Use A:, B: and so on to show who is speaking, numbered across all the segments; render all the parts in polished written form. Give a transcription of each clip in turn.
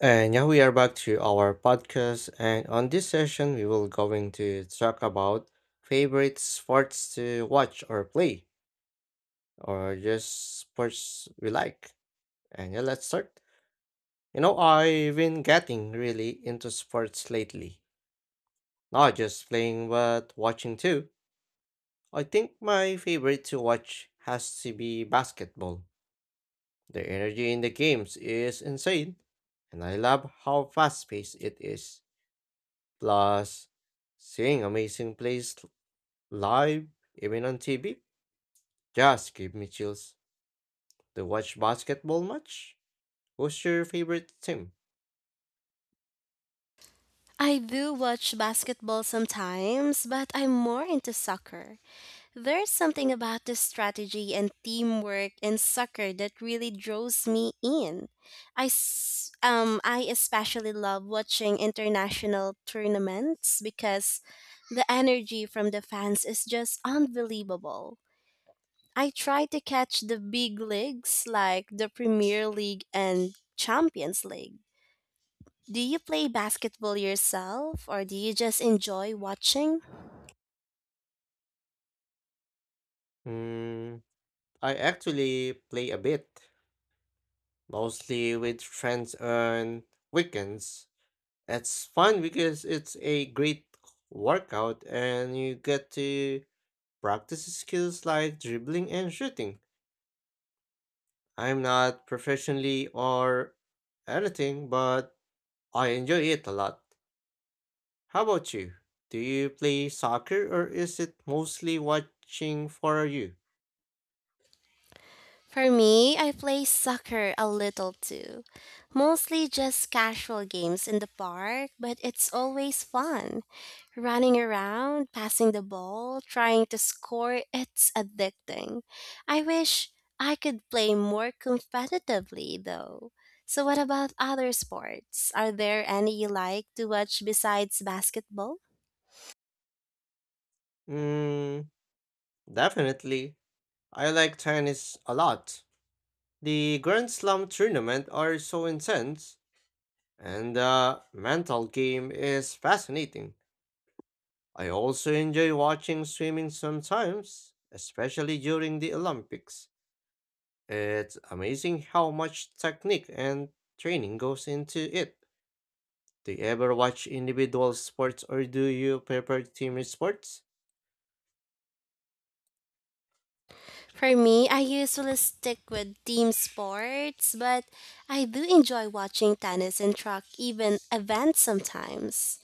A: And now we are back to our podcast. And on this session, we will going to talk about favorite sports to watch or play, or just sports we like. And yeah, let's start. I've been getting really into sports lately. Not just playing, but watching too. I think my favorite to watch has to be basketball. The energy in the games is insane, and I love how fast-paced it is. Plus, seeing amazing plays live, even on TV, just gave me chills. To watch basketball match? Who's your favorite team?
B: I do watch basketball sometimes, but I'm more into soccer. There's something about the strategy and teamwork in soccer that really draws me in. I especially love watching international tournaments because the energy from the fans is just unbelievable. I try to catch the big leagues like the Premier League and Champions League. Do you play basketball yourself or do you just enjoy watching?
A: Hmm, I actually play a bit, mostly with friends on weekends. It's fun because it's a great workout and you get to practice skills like dribbling and shooting. I'm not professionally or anything, but I enjoy it a lot. How about you? Do you play soccer or is it mostly watching for you?
B: For me, I play soccer a little too. Mostly just casual games in the park, but it's always fun. Running around, passing the ball, trying to score, it's addicting. I wish I could play more competitively though. So, what about other sports? Are there any you like to watch besides basketball?
A: Mm, definitely. I like tennis a lot. The Grand Slam tournament are so intense and the mental game is fascinating. I also enjoy watching swimming sometimes, especially during the Olympics. It's amazing how much technique and training goes into it. Do you ever watch individual sports or do you prefer team sports?
B: For me, I usually stick with team sports, but I do enjoy watching tennis and track even events sometimes.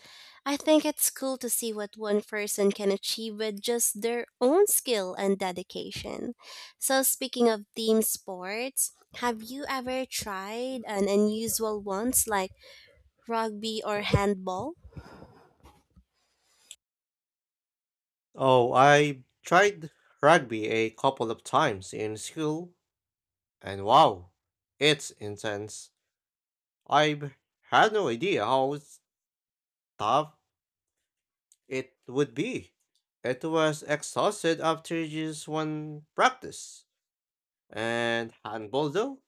B: I think it's cool to see what one person can achieve with just their own skill and dedication. So, speaking of team sports, have you ever tried an unusual ones like rugby or handball?
A: Oh, I tried rugby a couple of times in school, and wow, it's intense. I had no idea how tough it would be. It was exhausted after just one practice. And handball, though,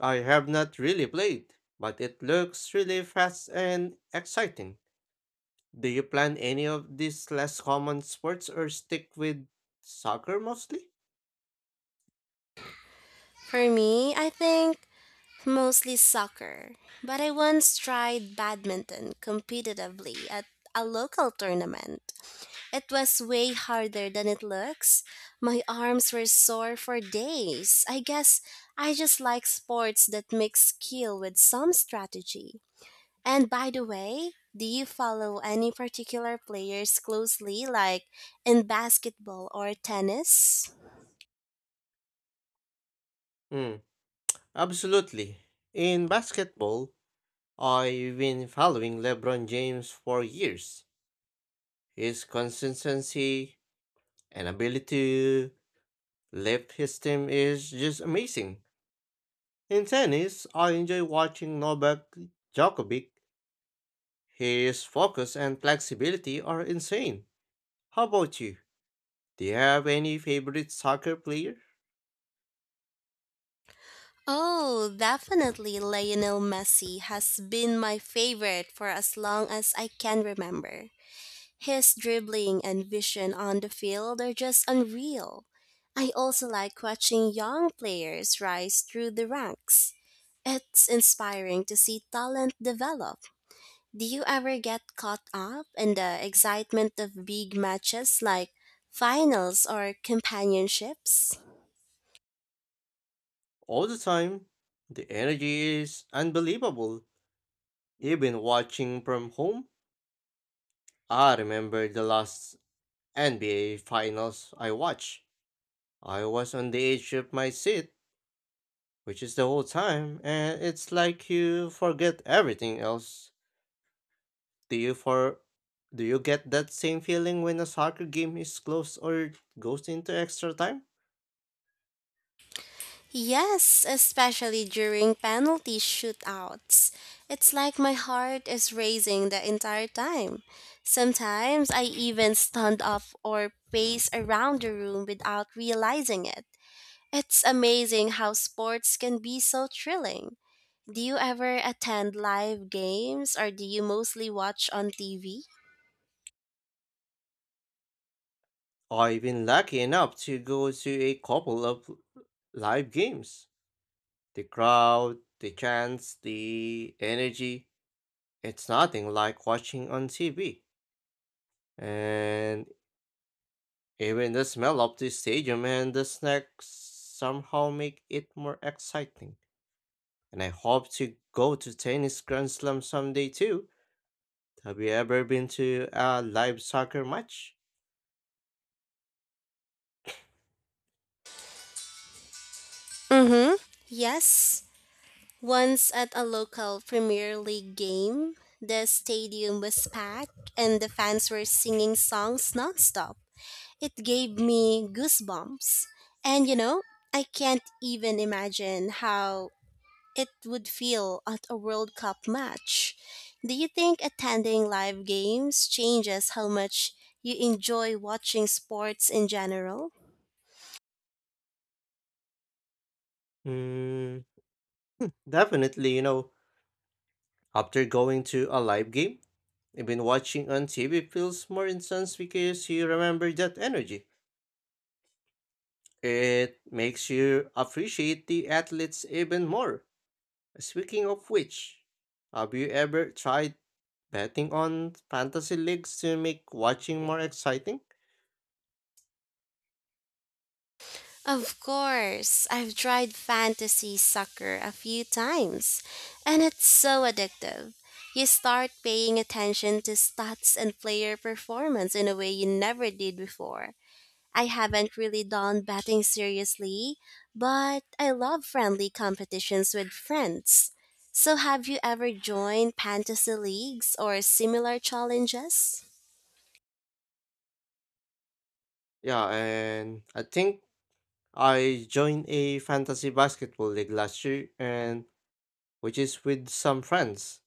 A: I have not really played, but it looks really fast and exciting. Do you plan any of these less common sports or stick with soccer mostly?
B: For me, I think mostly soccer, but I once tried badminton competitively at a local tournament. It was way harder than it looks. My arms were sore for days. I guess I just like sports that mix skill with some strategy. And by the way, do you follow any particular players closely, like in basketball or tennis?
A: Mm, absolutely. In basketball, I've been following LeBron James for years. His consistency and ability to lift his team is just amazing. In tennis, I enjoy watching Novak Djokovic. His focus and flexibility are insane. How about you? Do you have any favorite soccer player?
B: Oh, definitely Lionel Messi has been my favorite for as long as I can remember. His dribbling and vision on the field are just unreal. I also like watching young players rise through the ranks. It's inspiring to see talent develop. Do you ever get caught up in the excitement of big matches like finals or companionships?
A: All the time. The energy is unbelievable. Even watching from home, I remember the last NBA finals I watched. I was on the edge of my seat, which is the whole time, and it's like you forget everything else. Do you for do you get that same feeling when a soccer game is close or goes into extra time?
B: Yes, especially during penalty shootouts. It's like my heart is racing the entire time. Sometimes I even stand up or pace around the room without realizing it. It's amazing how sports can be so thrilling. Do you ever attend live games or do you mostly watch on TV?
A: I've been lucky enough to go to a couple of live games. The crowd, the chants, the energy, it's nothing like watching on TV. And even the smell of the stadium and the snacks somehow make it more exciting. And I hope to go to tennis Grand Slam someday too. Have you ever been to a live soccer match?
B: Mm hmm. Yes. Once at a local Premier League game, the stadium was packed and the fans were singing songs nonstop. It gave me goosebumps. And I can't even imagine how it would feel at a World Cup match. Do you think attending live games changes how much you enjoy watching sports in general?
A: Mm, definitely, you know, after going to a live game, even watching on TV feels more intense because you remember that energy. It makes you appreciate the athletes even more. Speaking of which, have you ever tried betting on fantasy leagues to make watching more exciting?
B: Of course, I've tried fantasy soccer a few times, and it's so addictive. You start paying attention to stats and player performance in a way you never did before. I haven't really done betting seriously, but I love friendly competitions with friends. So, have you ever joined fantasy leagues or similar challenges?
A: Yeah, and I think I joined a fantasy basketball league last year and which is with some friends.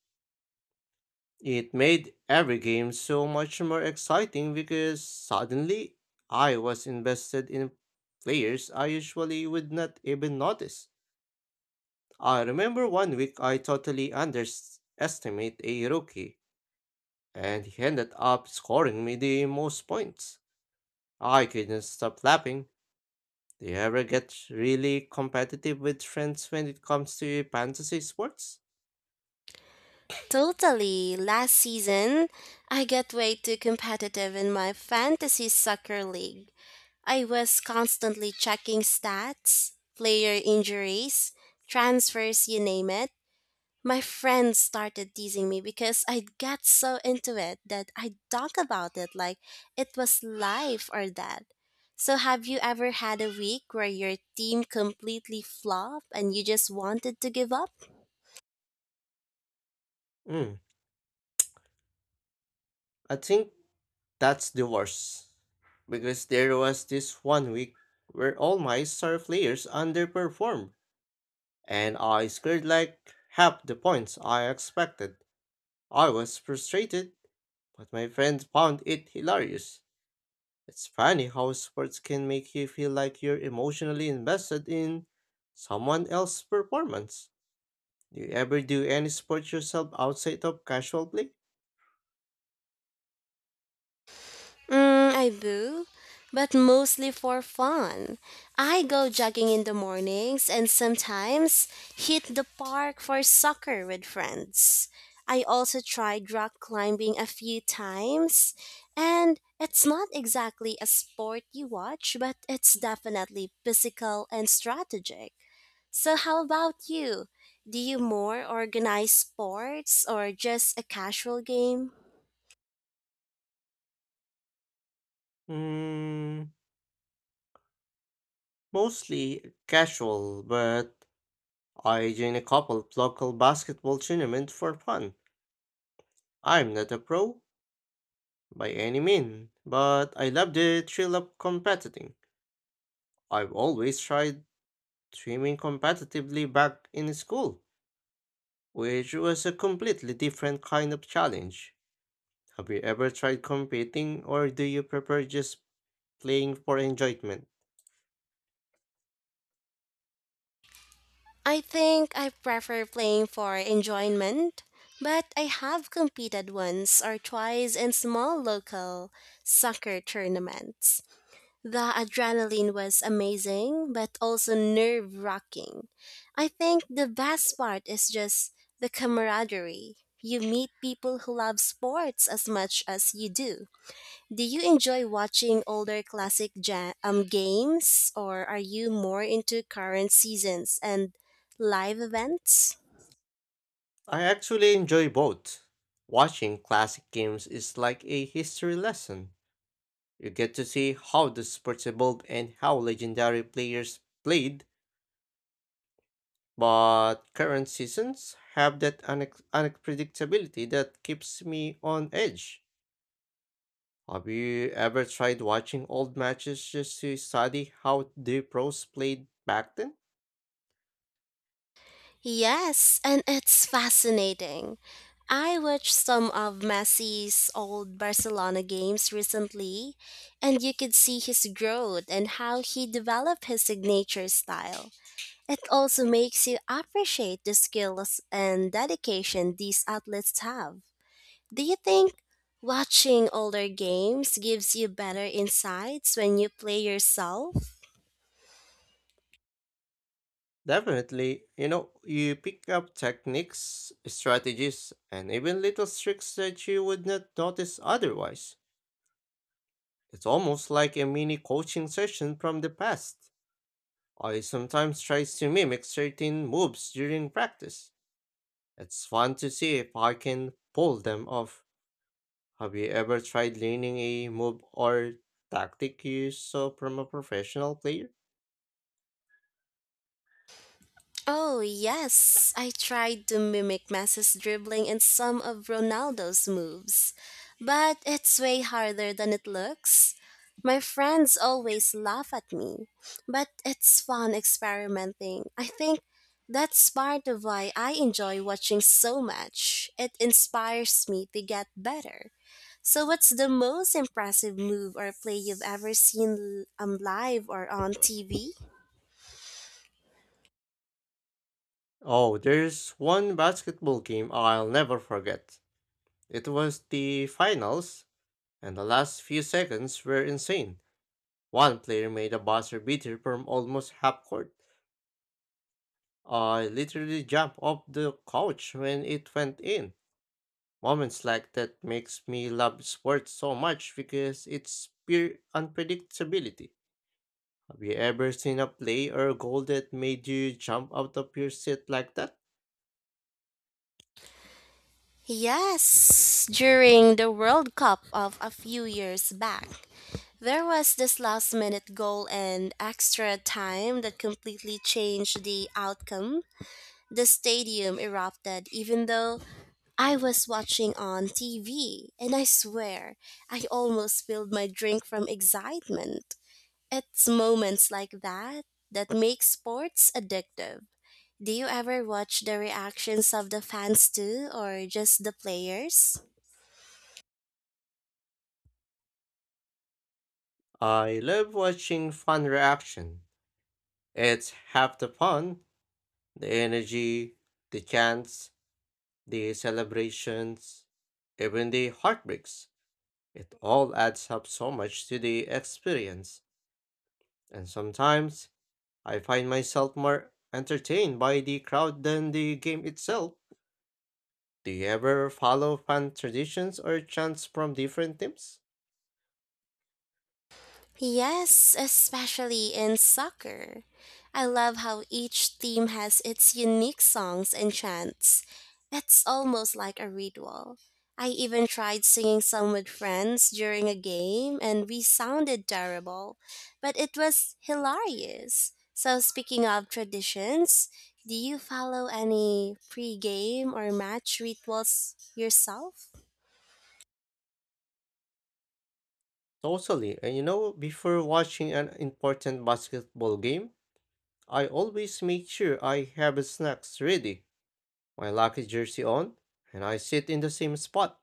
A: It made every game so much more exciting because suddenly I was invested in players I usually would not even notice. I remember one week I totally underestimated a rookie, and he ended up scoring me the most points. I couldn't stop laughing. Do you ever get really competitive with friends when it comes to fantasy sports?
B: Totally. Last season, I got way too competitive in my fantasy soccer league. I was constantly checking stats, player injuries, transfers, you name it. My friends started teasing me because I got so into it that I talk about it like it was life or death. So, have you ever had a week where your team completely flopped and you just wanted to give up?
A: Mm, I think that's the worst. Because there was this one week where all my star players underperformed, and I scored like half the points I expected. I was frustrated, but my friends found it hilarious. It's funny how sports can make you feel like you're emotionally invested in someone else's performance. Do you ever do any sports yourself outside of casual play?
B: Mm, I do, but mostly for fun. I go jogging in the mornings and sometimes hit the park for soccer with friends. I also tried rock climbing a few times, and it's not exactly a sport you watch, but it's definitely physical and strategic. So, how about you? Do you more organize sports or just a casual game?
A: Mm, mostly casual, but I join a couple of local basketball tournaments for fun. I'm not a pro by any means, but I love the thrill of competing. I've always tried swimming competitively back in school, which was a completely different kind of challenge. Have you ever tried competing, or do you prefer just playing for enjoyment?
B: I think I prefer playing for enjoyment, but I have competed once or twice in small local soccer tournaments. The adrenaline was amazing, but also nerve wracking. I think the best part is just the camaraderie. You meet people who love sports as much as you do. Do you enjoy watching older classic games, or are you more into current seasons and live events?
A: I actually enjoy both. Watching classic games is like a history lesson. You get to see how the sports evolved and how legendary players played, but current seasons have that unpredictability that keeps me on edge. Have you ever tried watching old matches just to study how the pros played back then?
B: Yes, and it's fascinating. I watched some of Messi's old Barcelona games recently, and you could see his growth and how he developed his signature style. It also makes you appreciate the skills and dedication these athletes have. Do you think watching older games gives you better insights when you play yourself?
A: Definitely, you know, you pick up techniques, strategies, and even little tricks that you would not notice otherwise. It's almost like a mini coaching session from the past. I sometimes try to mimic certain moves during practice. It's fun to see if I can pull them off. Have you ever tried learning a move or tactic you saw from a professional player?
B: Oh, yes. I tried to mimic Messi's dribbling and some of Ronaldo's moves, but it's way harder than it looks. My friends always laugh at me, but it's fun experimenting. I think that's part of why I enjoy watching so much. It inspires me to get better. So, what's the most impressive move or play you've ever seen live or on TV?
A: Oh, there's one basketball game I'll never forget. It was the finals, and the last few seconds were insane. One player made a buzzer beater from almost half court. I literally jumped off the couch when it went in. Moments like that makes me love sports so much because it's pure unpredictability. Have you ever seen a play or a goal that made you jump out of your seat like that?
B: Yes, during the World Cup of a few years back. There was this last minute goal and extra time that completely changed the outcome. The stadium erupted, even though I was watching on TV, and I swear I almost spilled my drink from excitement. It's moments like that that make sports addictive. Do you ever watch the reactions of the fans too, or just the players?
A: I love watching fan reaction. It's half the fun, the energy, the chants, the celebrations, even the heartbreaks. It all adds up so much to the experience. And sometimes I find myself more entertained by the crowd than the game itself. Do you ever follow fan traditions or chants from different teams?
B: Yes, especially in soccer. I love how each team has its unique songs and chants. It's almost like a ritual. I even tried singing some with friends during a game and we sounded terrible, but it was hilarious. So, speaking of traditions, do you follow any pre game or match rituals yourself?
A: Totally. And you know, before watching an important basketball game, I always make sure I have snacks ready, my lucky jersey on, and I sit in the same spot.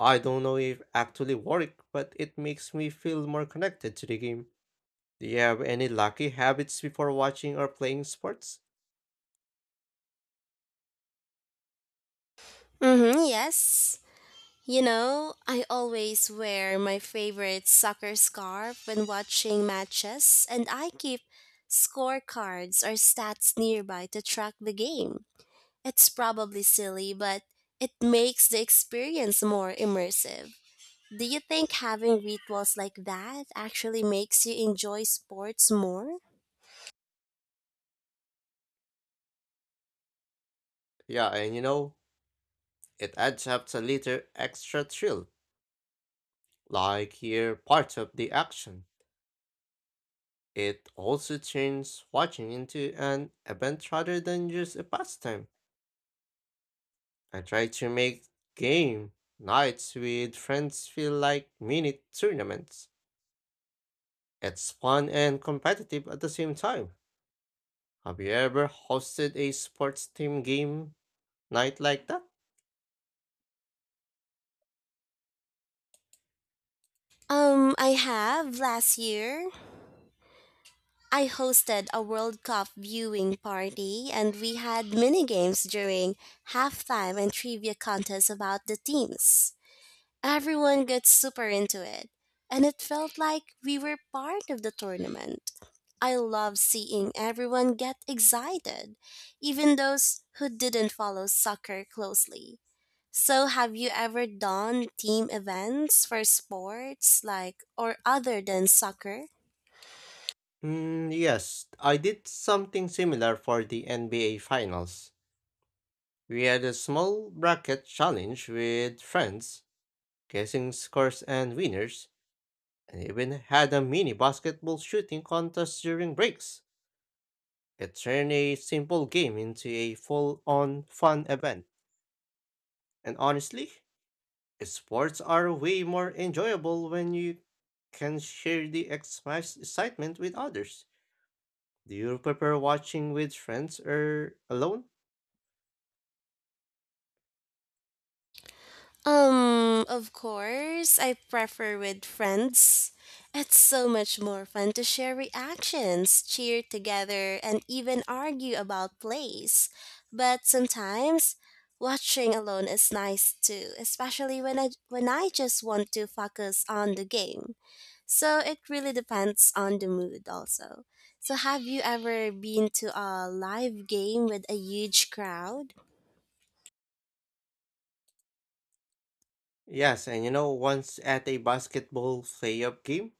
A: I don't know if actually work, but it makes me feel more connected to the game. Do you have any lucky habits before watching or playing sports?
B: Mm hmm, yes. I always wear my favorite soccer scarf when watching matches, and I keep scorecards or stats nearby to track the game. It's probably silly, but it makes the experience more immersive. Do you think having rituals like that actually makes you enjoy sports more?
A: Yeah, and you know, it adds up a little extra thrill, like here part of the action. It also turns watching into an event rather than just a pastime. I try to make game nights with friends feel like mini tournaments. It's fun and competitive at the same time. Have you ever hosted a sports team game night like that?
B: I have last year. I hosted a World Cup viewing party and we had mini games during halftime and trivia contests about the teams. Everyone got super into it, and it felt like we were part of the tournament. I love seeing everyone get excited, even those who didn't follow soccer closely. So, have you ever done team events for sports like or other than soccer?
A: Mm, yes, I did something similar for the NBA Finals. We had a small bracket challenge with friends, guessing scores and winners, and even had a mini basketball shooting contest during breaks. It turned a simple game into a full on fun event. And honestly, sports are way more enjoyable when you can share the excitement with others. Do you prefer watching with friends or alone?
B: Of course, I prefer with friends. It's so much more fun to share reactions, cheer together, and even argue about plays. But sometimes, watching alone is nice too, especially when I just want to focus on the game. So it really depends on the mood also. So have you ever been to a live game with a huge crowd?
A: Yes, and you know, once at a basketball playoff game,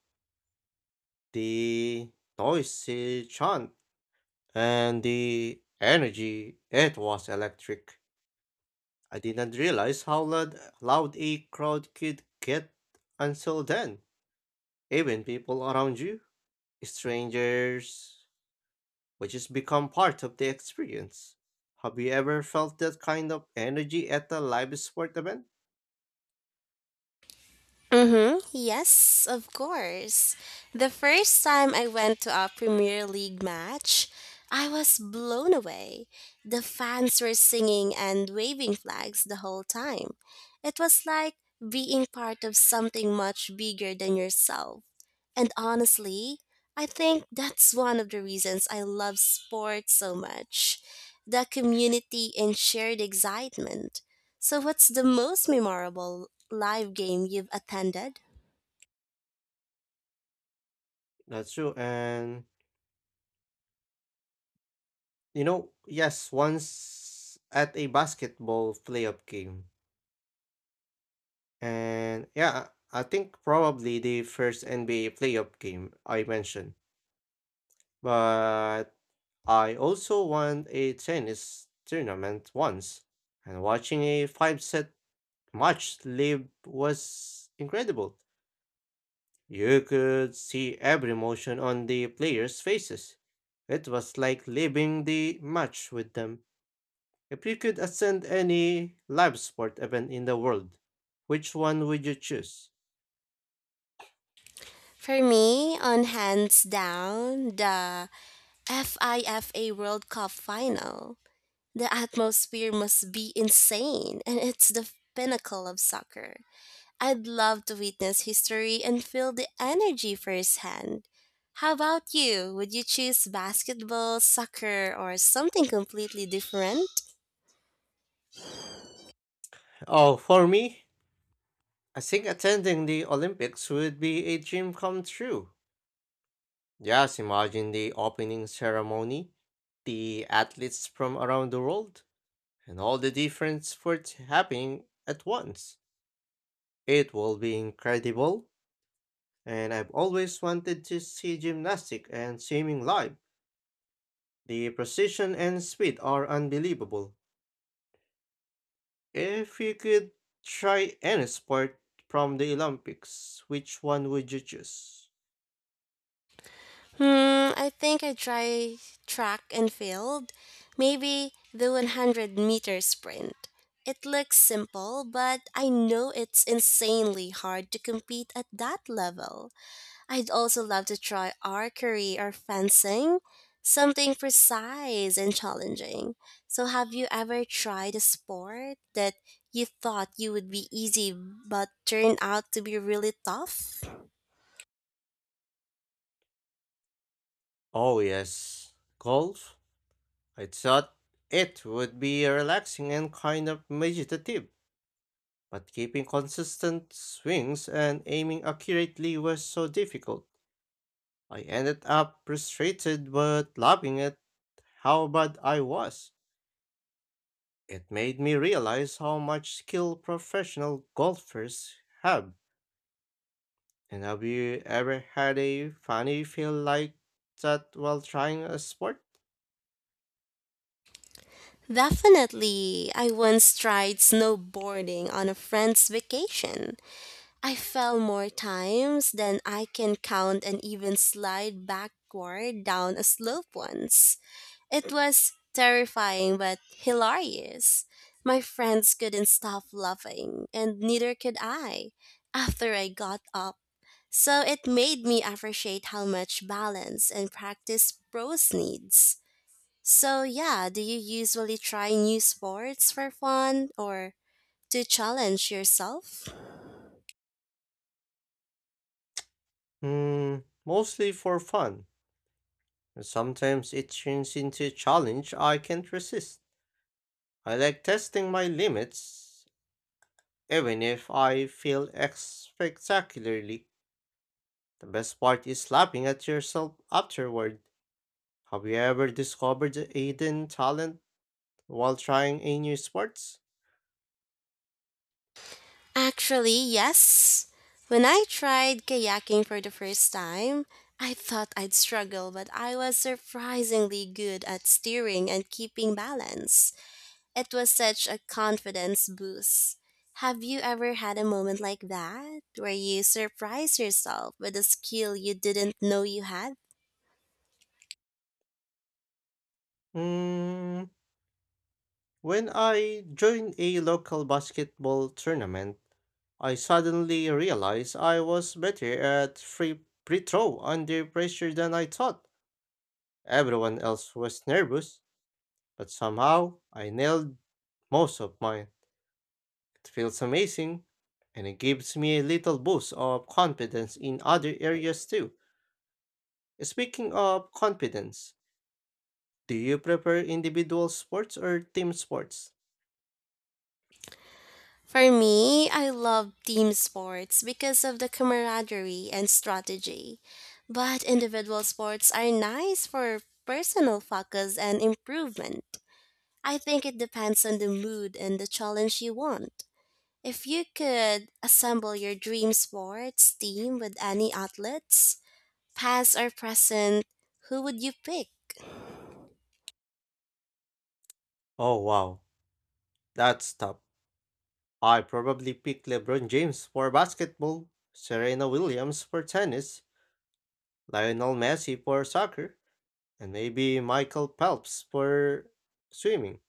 A: the noisy chant and the energy, it was electric. I didn't realize how loud a crowd could get until then. Even people around you, strangers, would just become part of the experience. Have you ever felt that kind of energy at a live sport event?
B: Mm-hmm. Yes, of course. The first time I went to a Premier League match, I was blown away. The fans were singing and waving flags the whole time. It was like being part of something much bigger than yourself. And honestly, I think that's one of the reasons I love sports so much. The community and shared excitement. So, what's the most memorable live game you've attended?
A: That's true. And you know, yes, once at a basketball playoff game. And yeah, I think probably the first NBA playoff game I mentioned. But I also won a tennis tournament once, and watching a five set match live was incredible. You could see every motion on the players' faces. It was like living the match with them. If you could attend any live sport event in the world, which one would you choose?
B: For me, on hands down, the FIFA World Cup final. The atmosphere must be insane, and it's the pinnacle of soccer. I'd love to witness history and feel the energy firsthand. How about you? Would you choose basketball, soccer, or something completely different?
A: Oh, for me, I think attending the Olympics would be a dream come true. Just imagine the opening ceremony, the athletes from around the world, and all the different sports happening at once. It will be incredible, and I've always wanted to see gymnastics and swimming live. The precision and speed are unbelievable. If you could try any sport from the Olympics, which one would you choose?
B: Hmm, I think I try track and field. Maybe the 100-meter sprint. It looks simple, but I know it's insanely hard to compete at that level. I'd also love to try archery or fencing, something precise and challenging. So, have you ever tried a sport that you thought you would be easy but turned out to be really tough?
A: Oh, yes, golf. I thought it would be relaxing and kind of meditative, but keeping consistent swings and aiming accurately was so difficult. I ended up frustrated but laughing at how bad I was. It made me realize how much skill professional golfers have. And have you ever had a funny feel like that while trying a sport?
B: Definitely. I once tried snowboarding on a friend's vacation. I fell more times than I can count and even slide backward down a slope once. It was terrifying but hilarious. My friends couldn't stop laughing, and neither could I after I got up. So it made me appreciate how much balance and practice pros needs. So, yeah, do you usually try new sports for fun or to challenge yourself?
A: Hmm, mostly for fun, and sometimes it turns into a challenge I can't resist. I like testing my limits, even if I feel spectacularly. The best part is laughing at yourself afterward. Have you ever discovered a hidden talent while trying a new sports?
B: Actually, yes. When I tried kayaking for the first time, I thought I'd struggle, but I was surprisingly good at steering and keeping balance. It was such a confidence boost. Have you ever had a moment like that where you surprise yourself with a skill you didn't know you had?
A: Mm, when I joined a local basketball tournament, I suddenly realized I was better at free throw under pressure than I thought. Everyone else was nervous, but somehow I nailed most of mine. It feels amazing, and it gives me a little boost of confidence in other areas too. Speaking of confidence, do you prefer individual sports or team sports?
B: For me, I love team sports because of the camaraderie and strategy. But individual sports are nice for personal focus and improvement. I think it depends on the mood and the challenge you want. If you could assemble your dream sports team with any athletes, past or present, who would you pick?
A: Oh wow, that's tough. I probably pick LeBron James for basketball, Serena Williams for tennis, Lionel Messi for soccer, and maybe Michael Phelps for swimming.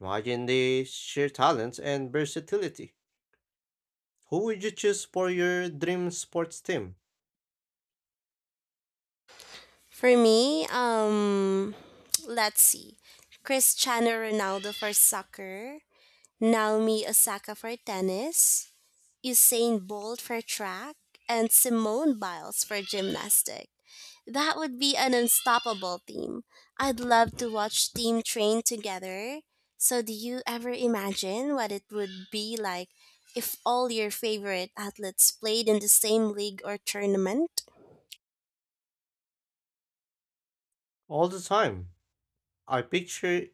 A: Imagine they share talents and versatility. Who would you choose for your dream sports team?
B: For me, let's see. Cristiano Ronaldo for soccer, Naomi Osaka for tennis, Usain Bolt for track, and Simone Biles for gymnastic. That would be an unstoppable team. I'd love to watch team train together. So do you ever imagine what it would be like if all your favorite athletes played in the same league or tournament?
A: All the time, I picture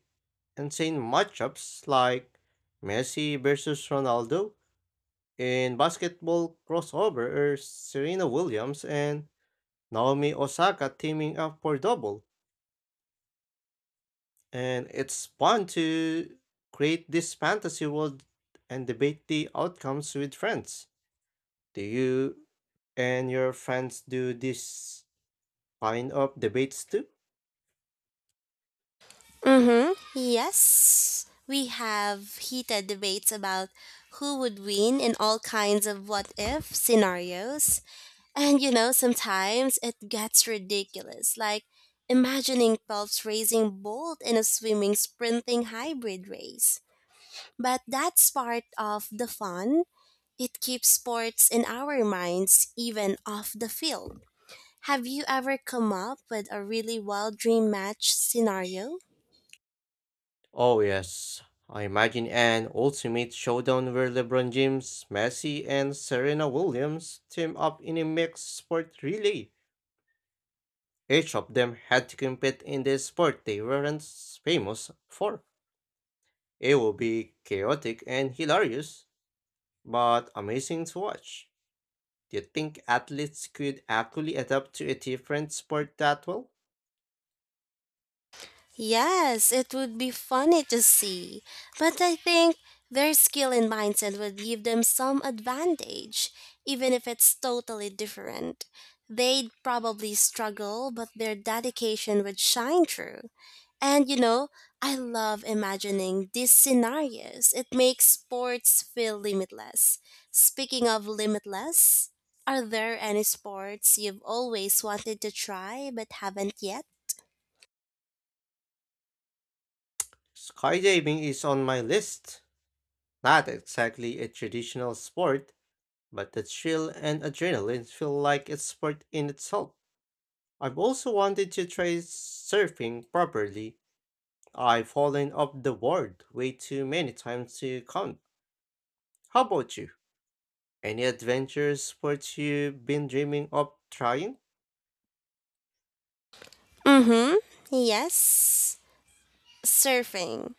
A: insane matchups like Messi versus Ronaldo in basketball crossover or Serena Williams and Naomi Osaka teaming up for double. And it's fun to create this fantasy world and debate the outcomes with friends. Do you and your friends do this kind of debates too?
B: Mm-hmm. Yes. We have heated debates about who would win in all kinds of what if scenarios. And sometimes it gets ridiculous, like imagining Phelps racing Bolt in a swimming sprinting hybrid race. But that's part of the fun. It keeps sports in our minds, even off the field. Have you ever come up with a really wild dream match scenario?
A: Oh yes, I imagine an ultimate showdown where LeBron James, Messi, and Serena Williams team up in a mixed sport relay. Each of them had to compete in the sport they weren't famous for. It would be chaotic and hilarious, but amazing to watch. Do you think athletes could actually adapt to a different sport that well?
B: Yes, it would be funny to see, but I think their skill and mindset would give them some advantage, even if it's totally different. They'd probably struggle, but their dedication would shine through. And I love imagining these scenarios. It makes sports feel limitless. Speaking of limitless, are there any sports you've always wanted to try but haven't yet?
A: Skydiving is on my list. Not exactly a traditional sport, but the thrill and adrenaline feel like it's sport in itself. I've also wanted to try surfing properly. I've fallen off the board way too many times to count. How about you? Any adventure sports you've been dreaming of trying?
B: Mm-hmm. Yes. Surfing.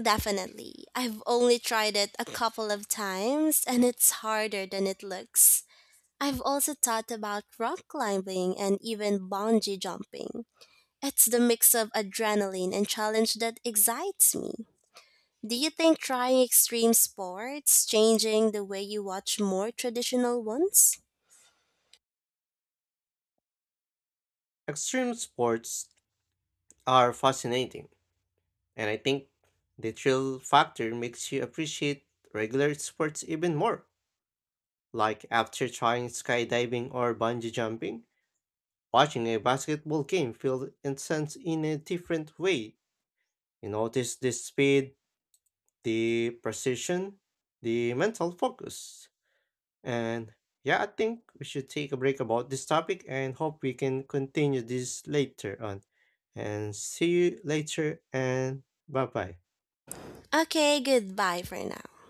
B: Definitely. I've only tried it a couple of times and it's harder than it looks. I've also thought about rock climbing and even bungee jumping. It's the mix of adrenaline and challenge that excites me. Do you think trying extreme sports changing the way you watch more traditional ones?
A: Extreme sports are fascinating, and I think the thrill factor makes you appreciate regular sports even more. Like after trying skydiving or bungee jumping, watching a basketball game feels intense in a different way. You notice the speed, the precision, the mental focus. And yeah, I think we should take a break about this topic and hope we can continue this later on. And see you later and bye bye.
B: Okay, goodbye for now.